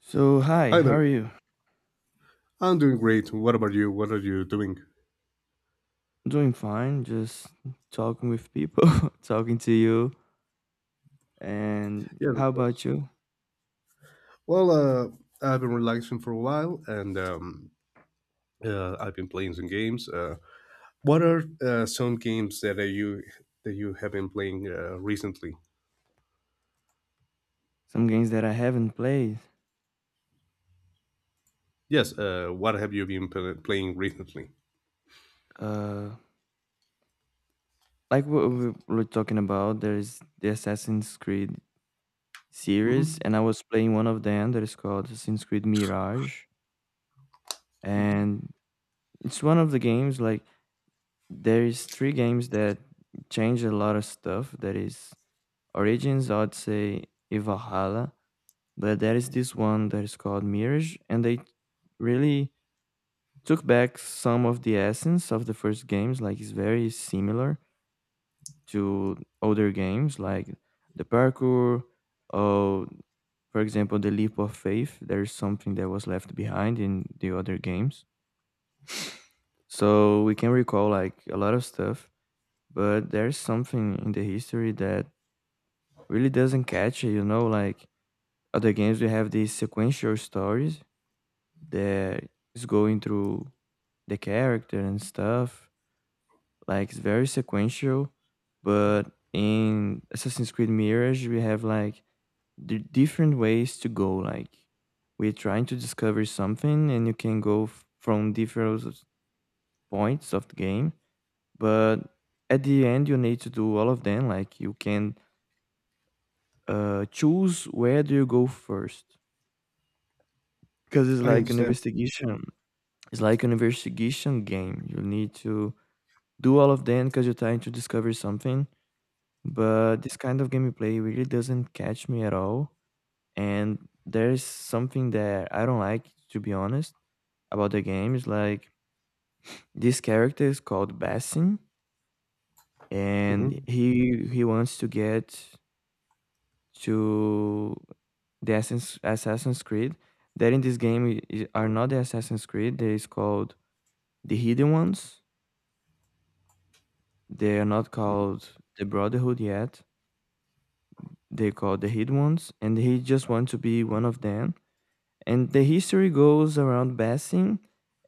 So, hi, Hi how there. are you? I'm doing great. What about you? What are you doing? I'm doing fine, just talking with people, talking to you. Yes, And how of course. about you? Well, I've been relaxing for a while, and I've been playing some games. What are some games that you have been playing recently? Some games that I haven't played. Yes. What have you been playing recently? Uh, like what we were talking about, there's the Assassin's Creed series, Hmm. and I was playing one of them that is called Assassin's Creed Mirage. Hmm. And it's one of the games, like, there's three games that change a lot of stuff. That is Origins, Odyssey, and Valhalla. But there is this one that is called Mirage, and they really took back some of the essence of the first games. Like it's very similar to older games, like the parkour, or for example, the leap of faith. There is something that was left behind in the other games. So we can recall like a lot of stuff, but there's something in the history that really doesn't catch it, you know, like other games we have these sequential stories that is going through the character and stuff. Like it's very sequential, but in Assassin's Creed Mirage, we have like the different ways to go. Like we're trying to discover something, and you can go from different points of the game. But at the end, you need to do all of them. Like you can choose where do you go first, because it's I like an understand. investigation. It's like an investigation game. You need to do all of them because you're trying to discover something. But this kind of gameplay really doesn't catch me at all. And there's something that I don't like, to be honest, about the game. Is like this character is called Bassin, and Hmm. he wants to get to the Assassin's Creed. That in this game are not the Assassin's Creed. They is called the Hidden Ones. They are not called the Brotherhood yet they call the hid ones, and he just wants to be one of them. And the history goes around Basim,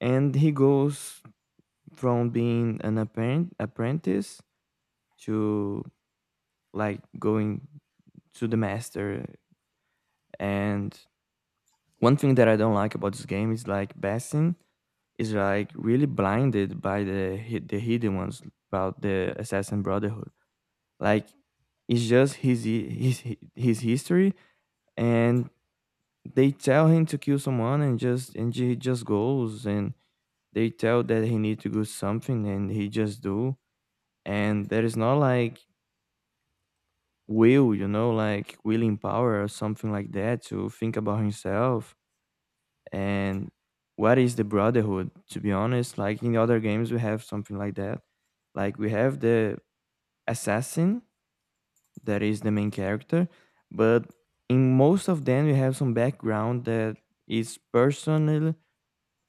and he goes from being an apprentice to like going to the master. And one thing that I don't like about this game is like Basim is like really blinded by the hidden ones about the Assassin Brotherhood. Like it's just his history and they tell him to kill someone and just and he just goes, and they tell that he need to do something and he just do, and there is not like will, you know, like willing power or something like that to think about himself and what is the brotherhood, to be honest. Like in other games we have something like that. Like we have the assassin that is the main character, but in most of them we have some background that is personal.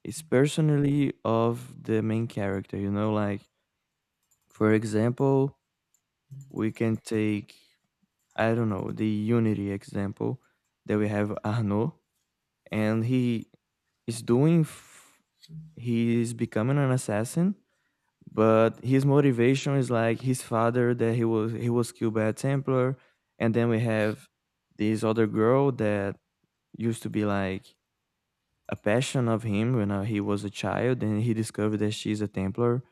It's personally of the main character, you know, like for example, we can take, I don't know, the Unity example that we have Arnaud, and he is doing f- he is becoming an assassin, but his motivation is like his father that he was killed by a Templar. And then we have this other girl that used to be like a passion of him when he was a child, and he discovered that she's a templar.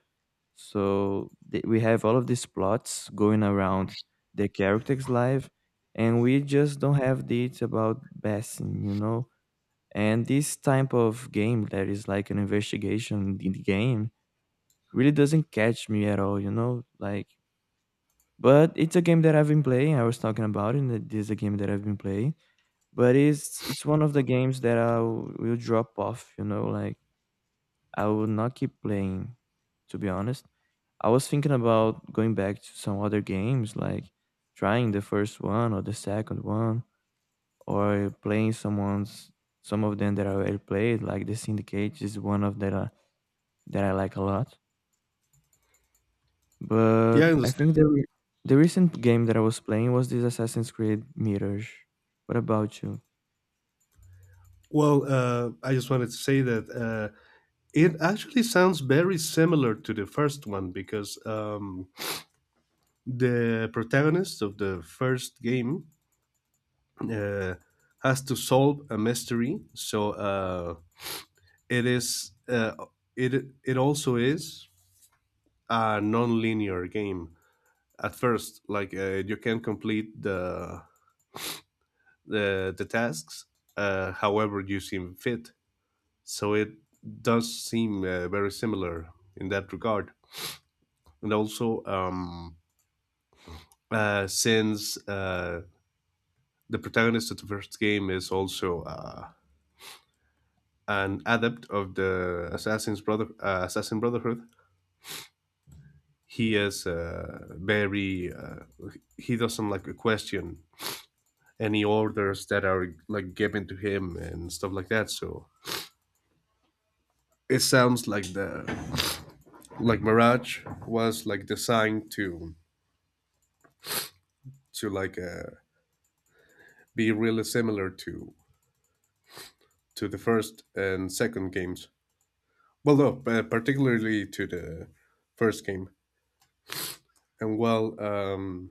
So we have all of these plots going around the character's life, and we just don't have dates about Basim, you know. And this type of game that is like an investigation in the game really doesn't catch me at all, you know. Like, but it's a game that I've been playing. I was talking about it. And it is a game that I've been playing, but it's one of the games that I will drop off, you know. Like I will not keep playing, to be honest. I was thinking about going back to some other games, like trying the first one or the second one, or playing someone's, some of them that I already played, like the Syndicate is one of that that I like a lot. But Yeah, I I understand. think the recent game that I was playing was this Assassin's Creed Mirage. What about you? Well, I just wanted to say that it actually sounds very similar to the first one because the protagonist of the first game uh, has to solve a mystery, so it is it also is a non-linear game at first. Like, you can complete the tasks however you seem fit. So it does seem very similar in that regard. And also, since the protagonist of the first game is also an adept of the Assassin Brotherhood. He is very he doesn't like question any orders that are like given to him and stuff like that. So it sounds like the like Mirage was like designed to like be really similar to the first and second games. Well, no, but particularly to the first game. And, well, um,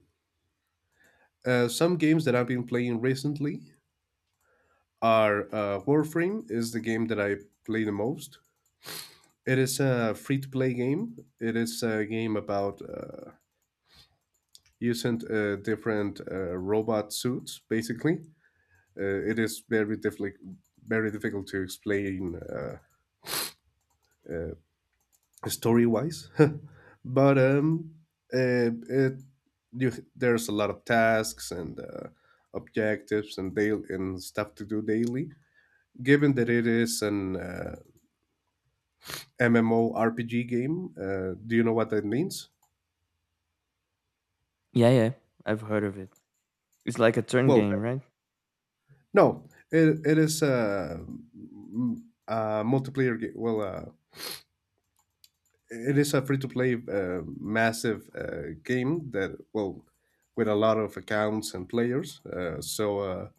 uh, some games that I've been playing recently. Our, Warframe is the game that I play the most. It is a free to play game. It is a game about using different robot suits, basically. It is very difficult to explain, uh, story wise, but uh, it, there's a lot of tasks and objectives and daily and stuff to do daily. Given that it is an MMORPG game. Do you know what that means? Yeah, yeah, I've heard of it. It's like a turn Well, game, right? no, it is a multiplayer game. Well, it is a free to play massive game that, well, with a lot of accounts and players. So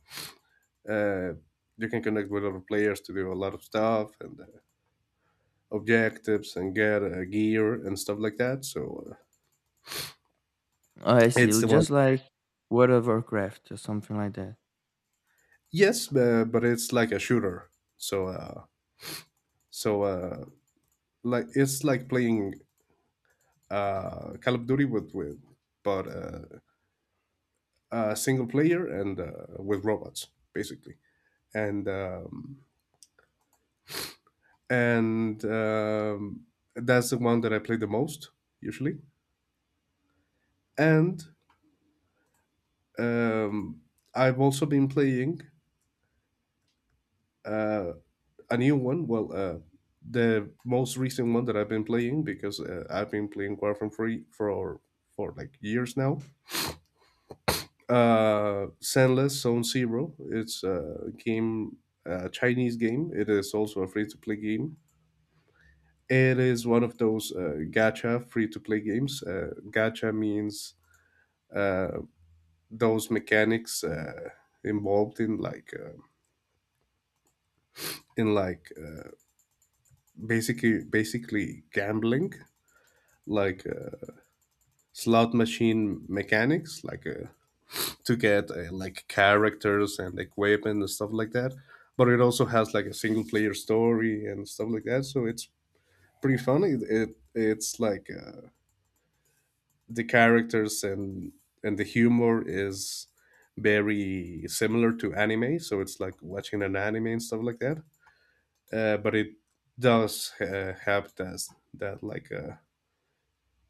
uh, you can connect with other players to do a lot of stuff and objectives and get gear and stuff like that. So Oh, I it's see. the one. Just like World of Warcraft or something like that. Yes, but it's like a shooter. So, uh, so, like it's like playing Call of Duty with but single player and with robots, basically. And um and um that's the one that I play the most, usually. And um I've also been playing uh a new one. Well, the most recent one that I've been playing, because I've been playing Warframe 3 for like years now. Sandless Zone Zero. It's a game, a Chinese game. It is also a free to play game. It is one of those gacha free to play games. Gacha means uh, those mechanics involved in like basically gambling, like slot machine mechanics, like a to get like characters and equipment and stuff like that. But it also has like a single player story and stuff like that. So it's pretty funny. It's like the characters and the humor is very similar to anime. So it's like watching an anime and stuff like that. But it does have that like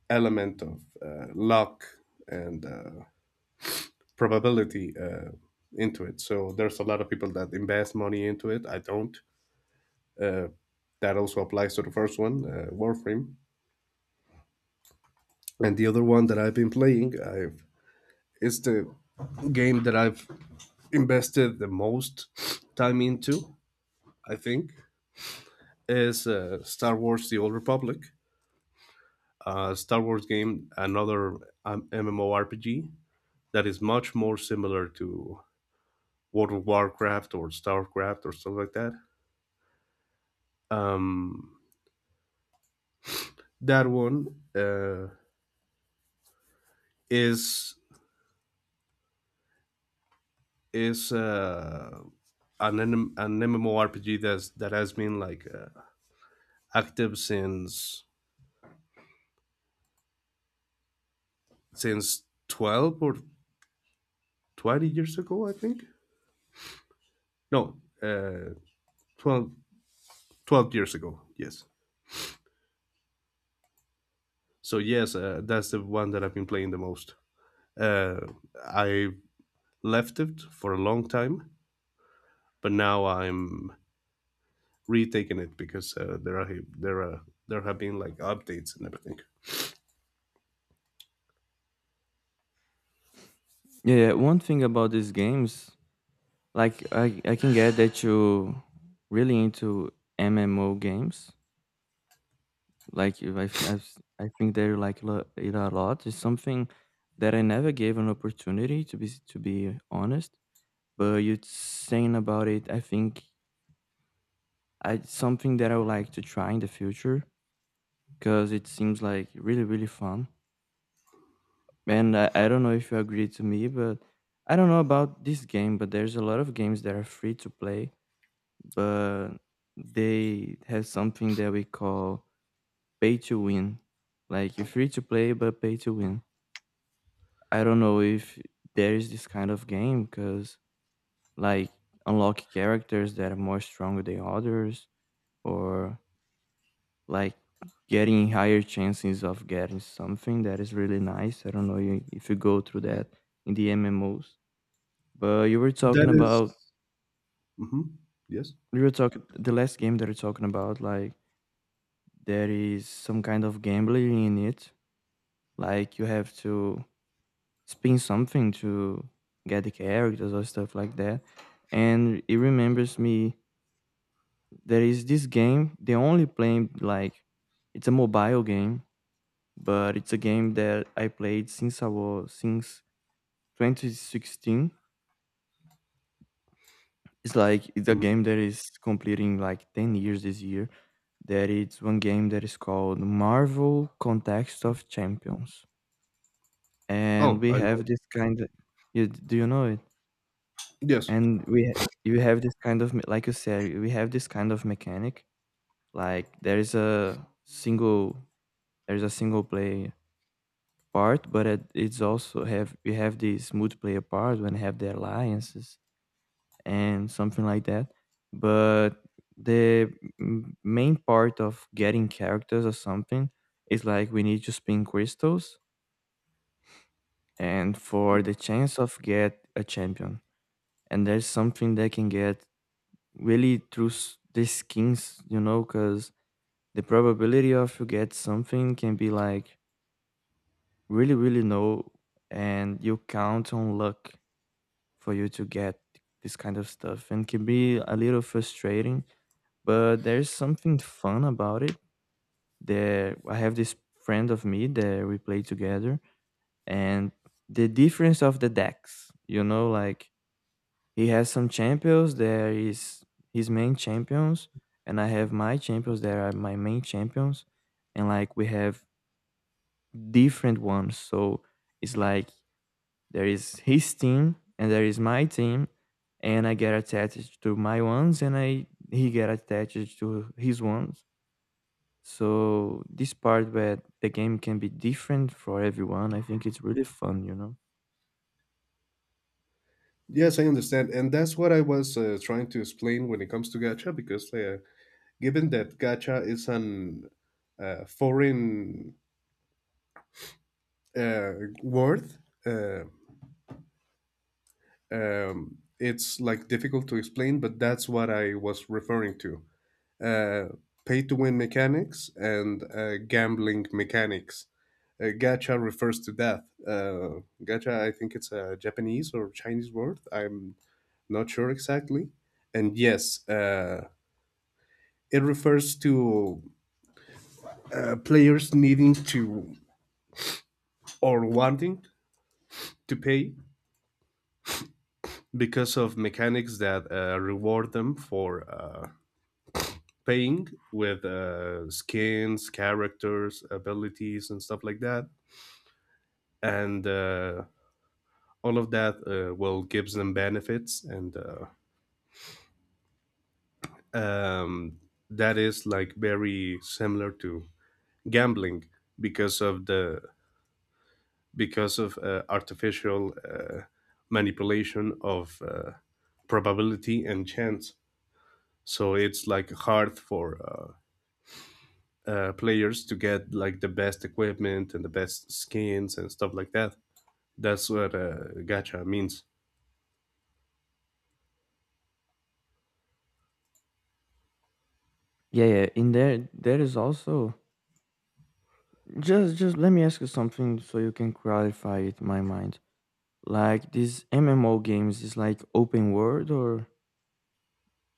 element of luck and probability into it. So there's a lot of people that invest money into it. I don't. Uh, that also applies to the first one, Warframe, and the other one that I've been playing. I've It's the game that I've invested the most time into. I think is Star Wars: The Old Republic, Star Wars game, another MMORPG that is much more similar to World of Warcraft or Starcraft or stuff like that. Um, That one is is an an MMORPG that has been like active since 12 or 20 years ago, I think. No, 12, twelve years ago. Yes. So yes, that's the one that I've been playing the most. Uh, I left it for a long time, but now I'm retaking it because there are there have been like updates and everything. Yeah, yeah, one thing about these games. Like I can get that you really into MMO games. Like you- I th- I s- I think they like it a lot. It's something that I never gave an opportunity to to be honest. But you saying about it, I think I it's something that I would like to try in the future because it seems like really really fun. And I don't know if you agree to me, but I don't know about this game, but there's a lot of games that are free to play, but they have something that we call pay to win. Like you're free to play, but pay to win. I don't know if there is this kind of game because like unlock characters that are more stronger than others, or like getting higher chances of getting something that is really nice. I don't know if you go through that in the MMOs, but you were That talking is. about, Hmm. Yes. you were talking the last game that you're talking about, like there is some kind of gambling in it. Like you have to spin something to get the characters or stuff like that. And it remembers me, there is this game, the only play, like it's a mobile game, but it's a game that I played since I was since 2016. It's like it's a Mhm. game that is completing like 10 years this year. That it's one game that is called Marvel Context of Champions. And Oh, we I know. have this kind of, you, do you know it? Yes. and we ha- you have this kind of like you said, we have this kind of mechanic, like there is a single, there's a single play part, but it's also have, we have this multiplayer part when have the alliances and something like that. But the main part of getting characters or something is like we need to spin crystals and for the chance of get a champion, and there's something that can get really through these schemes, you know, because the probability of you get something can be like really, really low, and you count on luck for you to get this kind of stuff, and can be a little frustrating. But there's something fun about it. There, I have this friend of me that we play together, and the difference of the decks, you know, like he has some champions. There is his main champions, and I have my champions. There are my main champions, and like we have different ones. So it's like there is his team and there is my team, and I get attached to my ones, and I he get attached to his ones. So this part where the game can be different for everyone, I think it's really fun. You know. Yes, I understand. And that's what I was trying to explain when it comes to gacha, because given that gacha is an foreign uh, word, uh, it's like difficult to explain, but that's what I was referring to. Uh, Pay to win mechanics and gambling mechanics. Gacha refers to that. Gacha, I think it's a Japanese or Chinese word. I'm not sure exactly. And yes, it refers to players needing to, or wanting to, pay because of mechanics that reward them for paying with skins, characters, abilities, and stuff like that. And all of that well, gives them benefits, and um, that is like very similar to gambling because of the because of artificial manipulation of probability and chance. So it's like hard for players to get like the best equipment and the best skins and stuff like that. That's what gacha means. Yeah, yeah. In there, there is also, just let me ask you something so you can clarify it in my mind. Like these MMO games is like open world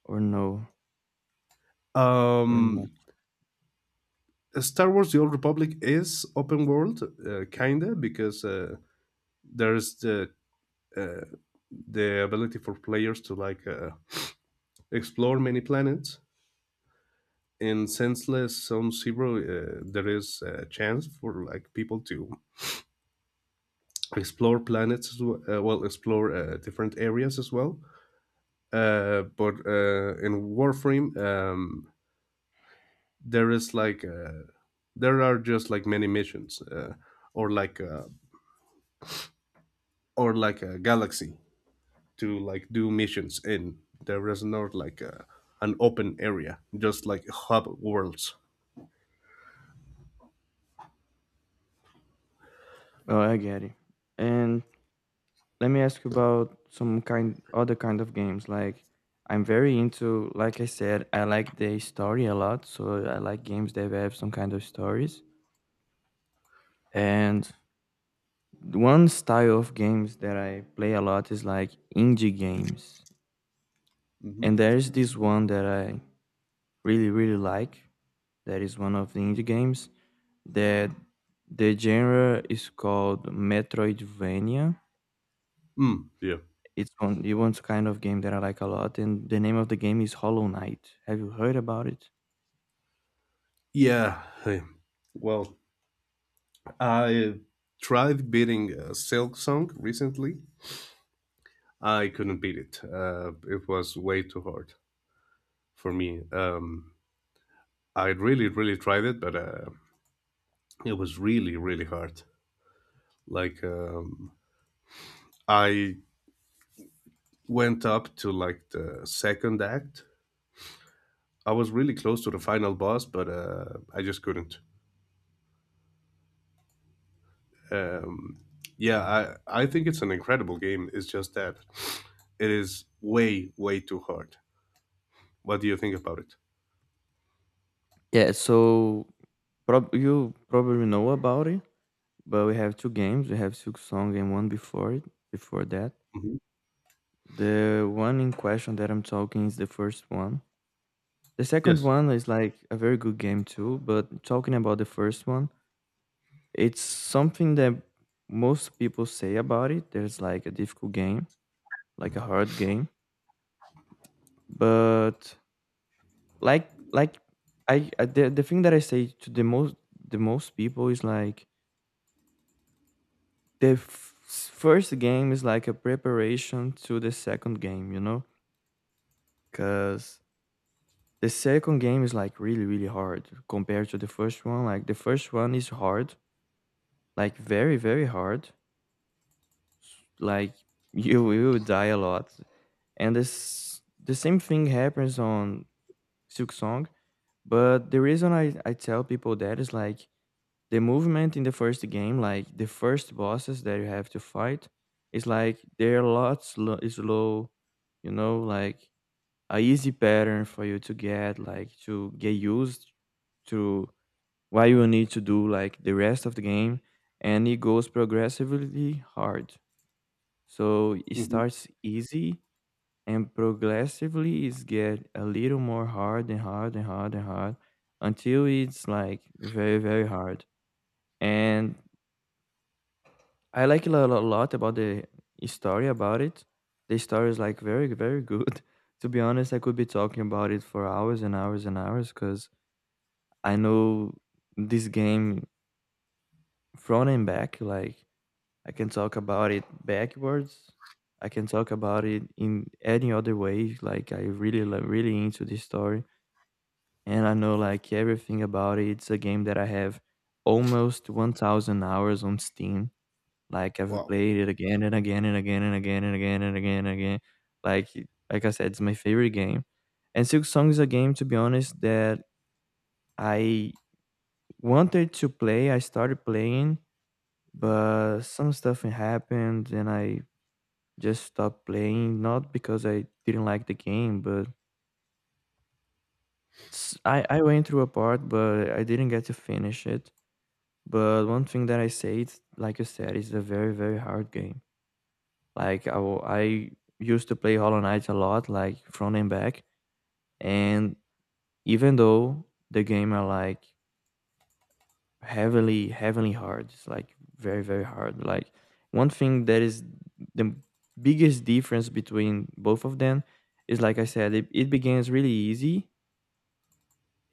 or no or not. Um, Star Wars: The Old Republic is open world, kinda, because there's the uh, the ability for players to like explore many planets. In Senseless Zone Zero, there is a chance for like people to explore planets as well, well, explore different areas as well. But in warframe, there is like there are just like many missions, or like uh, or like a galaxy to like do missions in. There is not like an open area, just like hub worlds. Oh, I get it. And let me ask you about some kind other kind of games. Like I'm very into, like I said, I like the story a lot, so I like games that have some kind of stories. And one style of games that I play a lot is like indie games. Hmm. And there's this one that I really really like, that is one of the indie games that the genre is called Metroidvania. Mm, yeah. It's one, it one's kind of game that I like a lot, and the name of the game is Hollow Knight. Have you heard about it? Yeah, hey. Well, I tried beating a Silk Song recently. I couldn't beat it. It was way too hard for me. I really, really tried it, but it was really, really hard. Like, I went up to like the second act. I was really close to the final boss, but I just couldn't. Um, yeah, I think it's an incredible game. It's just that it is way, way too hard. What do you think about it? Yeah, so you probably know about it, but we have two games. We have Silk Song and one before it, before that. Mhm. The one in question that I'm talking is the first one. The second Yes. one is like a very good game too, but talking about the first one, it's something that most people say about it. There's like a difficult game, like a hard game, but like the thing that I say to the most people is like the first game is like a preparation to the second game, you know? Cuz the second game is like really really hard compared to the first one. Like the first one is hard, like very very hard. Like you will die a lot, and this the same thing happens on silk song. But the reason I tell people that is like the movement in the first game, like the first bosses that you have to fight is like they're a lot slow, you know, like a easy pattern for you to get, like to get used to what you need to do like the rest of the game. And it goes progressively hard, so it Mhm. starts easy and progressively it's get a little more hard and hard and hard and hard until it's like very very hard. And I like it lot about the story about it. The story is like very very good. To be honest, I could be talking about it for hours and hours and hours because I know this game front and back. Like I can talk about it backwards, I can talk about it in any other way, like I really really into this story. And I know like everything about it. It's a game that I have almost 1,000 hours on Steam. Like I've Wow. played it again and again and again and again and again and again and again. Like like I said, it's my favorite game. And Silk Song is a game, to be honest, that I wanted to play. I started playing, but some stuff happened, and I just stopped playing. Not because I didn't like the game, but I went through a part, but I didn't get to finish it. But one thing that I said, like you said, is a very, very hard game. Like I used to play Hollow Knight a lot, like front and back. And even though the game are like heavily, heavily hard, it's like very, very hard. Like one thing that is the biggest difference between both of them is, like I said, it begins really easy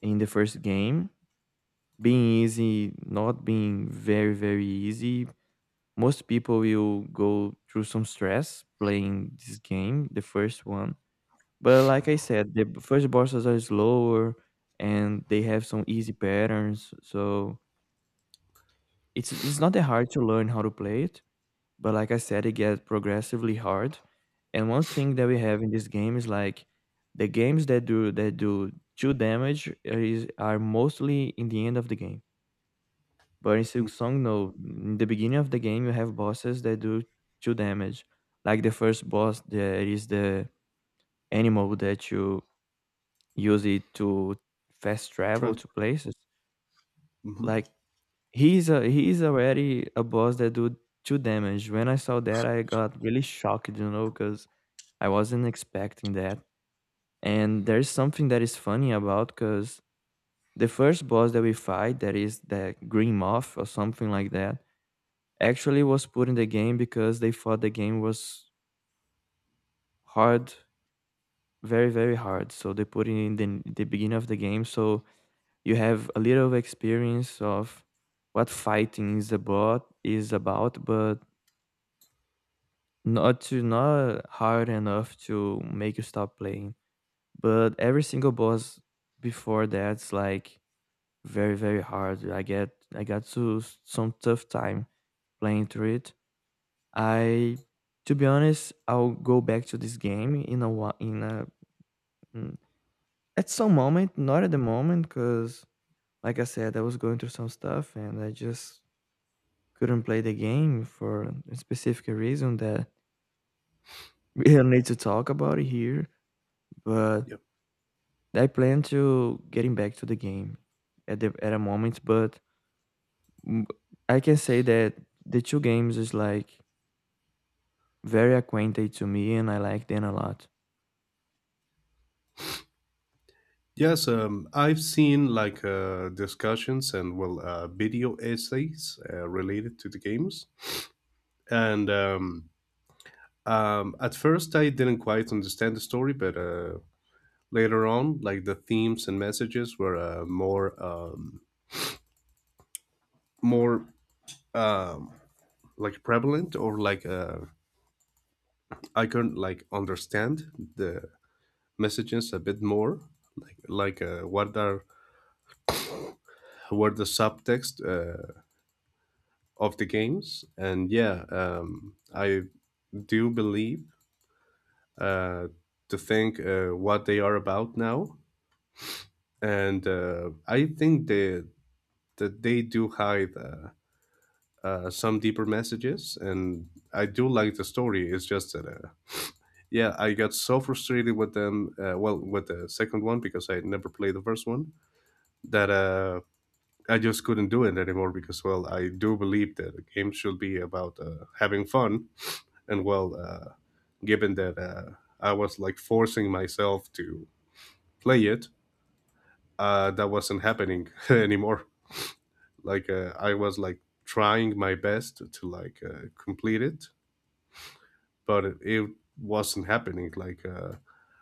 in the first game. Being easy, not being very, very easy, most people will go through some stress playing this game, the first one. But like I said, the first bosses are slower and they have some easy patterns. So it's not that hard to learn how to play it. But like I said, it gets progressively hard. And one thing that we have in this game is like the games that do two damage is are mostly in the end of the game. But in Mm. Silksong, no. In the beginning of the game, you have bosses that do two damage. Like the first boss, there is the animal that you use it to fast travel Trans- to places. mhm. Like he's already a boss that do two damage. When I saw that, I got really shocked, you know, because I wasn't expecting that. And there's something that is funny about because the first boss that we fight, that is the green moth or something like that, actually was put in the game because they thought the game was hard, very, very hard. So they put it in the beginning of the game. So you have a little experience of what fighting is about, but not to not hard enough to make you stop playing. But every single boss before that's like very, very hard. I got to some tough time playing through it. I, to be honest, I'll go back to this game in a while, in a mm, at some moment, not at the moment, because like I said, I was going through some stuff and I just couldn't play the game for a specific reason that we don't need to talk about it here. But Yeah. I plan to getting back to the game at the at a moment. But mm, I can say that the two games is like very acquainted to me, and I like them a lot. Yes, I've seen like discussions and well, video essays related to the games, and at first I didn't quite understand the story, but later on, like the themes and messages were more, more, um, like, prevalent, or like, I can like understand the messages a bit more, like like uh, what are what the subtext. Of the games. And yeah, I do believe uh, to think what they are about now. And I think that they do hide some deeper messages. And I do like the story. It's just that, yeah, I got so frustrated with them, well, with the second one, because I never played the first one, that I just couldn't do it anymore, because, well, I do believe that a game should be about having fun. And, well, given that I was like forcing myself to play it. That wasn't happening anymore. Like, I was like trying my best to like complete it, but it wasn't happening. Like,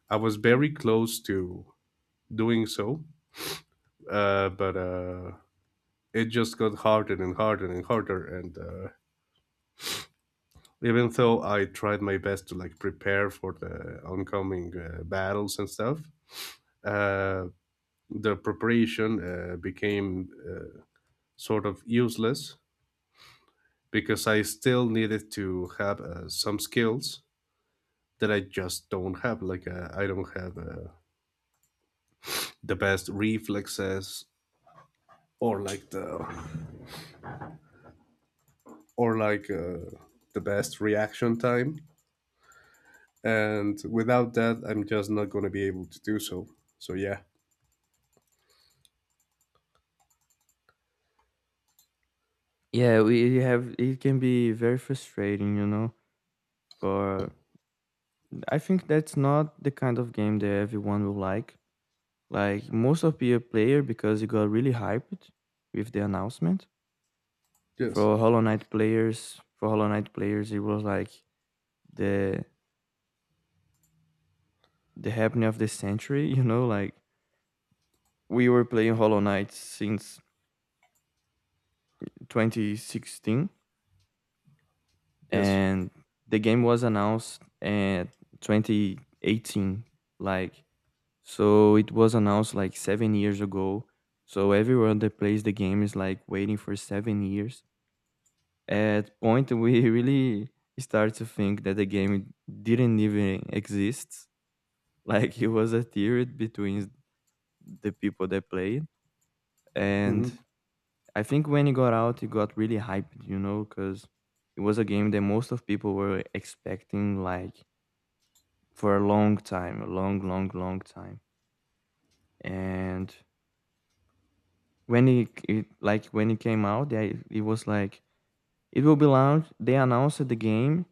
I was very close to doing so, but it just got harder and harder and harder. And even though I tried my best to like prepare for the oncoming battles and stuff, uh, the preparation became sort of useless, because I still needed to have some skills that I just don't have. Like, I don't have the best reflexes, or like the or like the best reaction time. And without that, I'm just not going to be able to do so. So yeah. Yeah, we you have it can be very frustrating, you know. For I think that's not the kind of game that everyone will like. Like most of your player, because it got really hyped with the announcement. Yes, For Hollow Knight players, for Hollow Knight players, it was like the the happening of the century, you know, like we were playing Hollow Knight since 2016, yes. and the game was announced in 2018. Like so it was announced like 7 years ago. So everyone that plays the game is like waiting for 7 years. At point we really start to think that the game didn't even exist. Like it was a theory between the people that played. And Hmm. I think when it got out, it got really hyped, you know, because it was a game that most of people were expecting like for a long time, a long, long, long time. And when it like when it came out, they it was like it will be launched. They announced the game,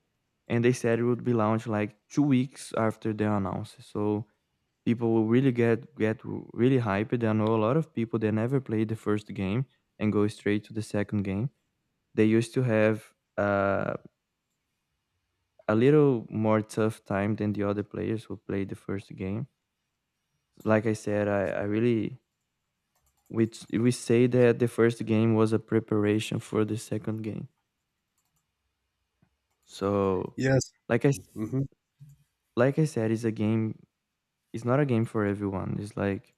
and they said it would be launched like 2 weeks after they announced. So people will really get really hyped. I know a lot of people that never played the first game and go straight to the second game. They used to have a little more tough time than the other players who played the first game. Like I said, I really we say that the first game was a preparation for the second game. So, Yes. like I s- Hmm. like I said, it's a game. It's not a game for everyone. It's like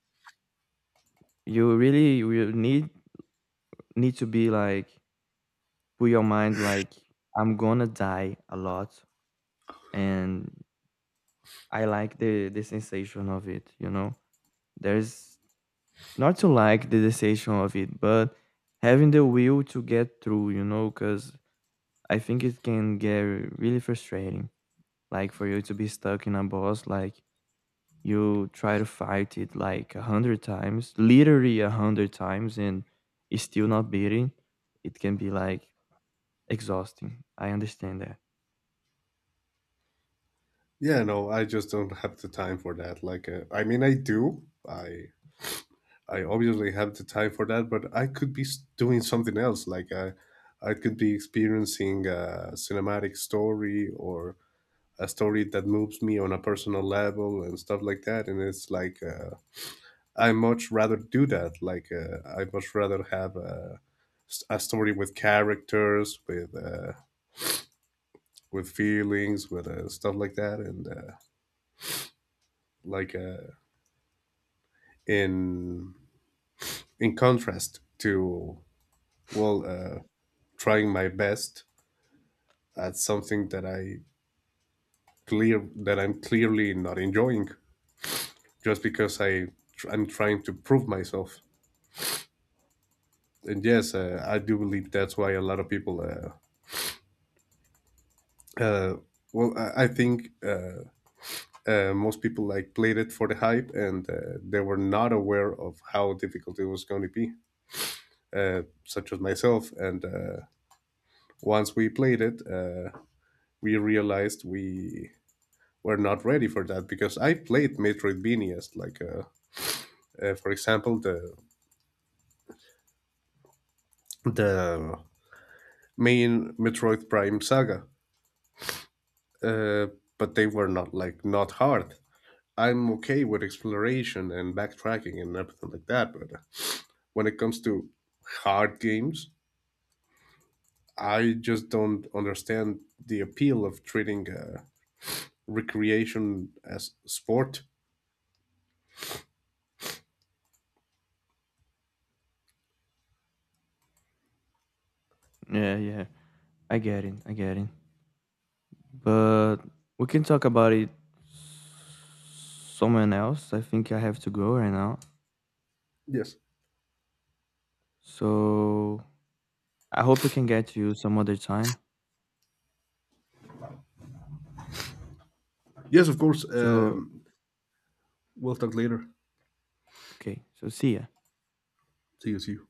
you really will need to be like put your mind like I'm gonna die a lot, and I like the sensation of it. You know, there's not to like the sensation of it, but having the will to get through. You know, because I think it can get really frustrating. Like for you to be stuck in a boss, like you try to fight it like 100 times, literally 100 times, and it's still not beating, it can be like exhausting. I understand that. Yeah, no, I just don't have the time for that. Like, I mean, I do. I obviously have the time for that, but I could be doing something else. Like, I could be experiencing a cinematic story, or a story that moves me on a personal level and stuff like that. And it's like, I much rather do that. Like, I much rather have a story with characters, with feelings, with stuff like that, and like uh, in contrast to, well, trying my best, that's something that I'm clearly not enjoying, just because I'm trying to prove myself. And yes, I do believe that's why a lot of people. Uh, well, I think, most people like played it for the hype, and they were not aware of how difficult it was going to be. Such as myself. And once we played it, we realized we were not ready for that, because I played Metroidvanias, like for example, the main Metroid Prime saga, uh, but they were not like not hard. I'm okay with exploration and backtracking and everything like that, but when it comes to hard games, I just don't understand the appeal of treating recreation as sport. Yeah, yeah. I get it. I get it. But we can talk about it someone else. I think I have to go right now. Yes, So I hope I can get you some other time. yes, of course. So, We'll talk later. okay. So, see ya. See you. See you.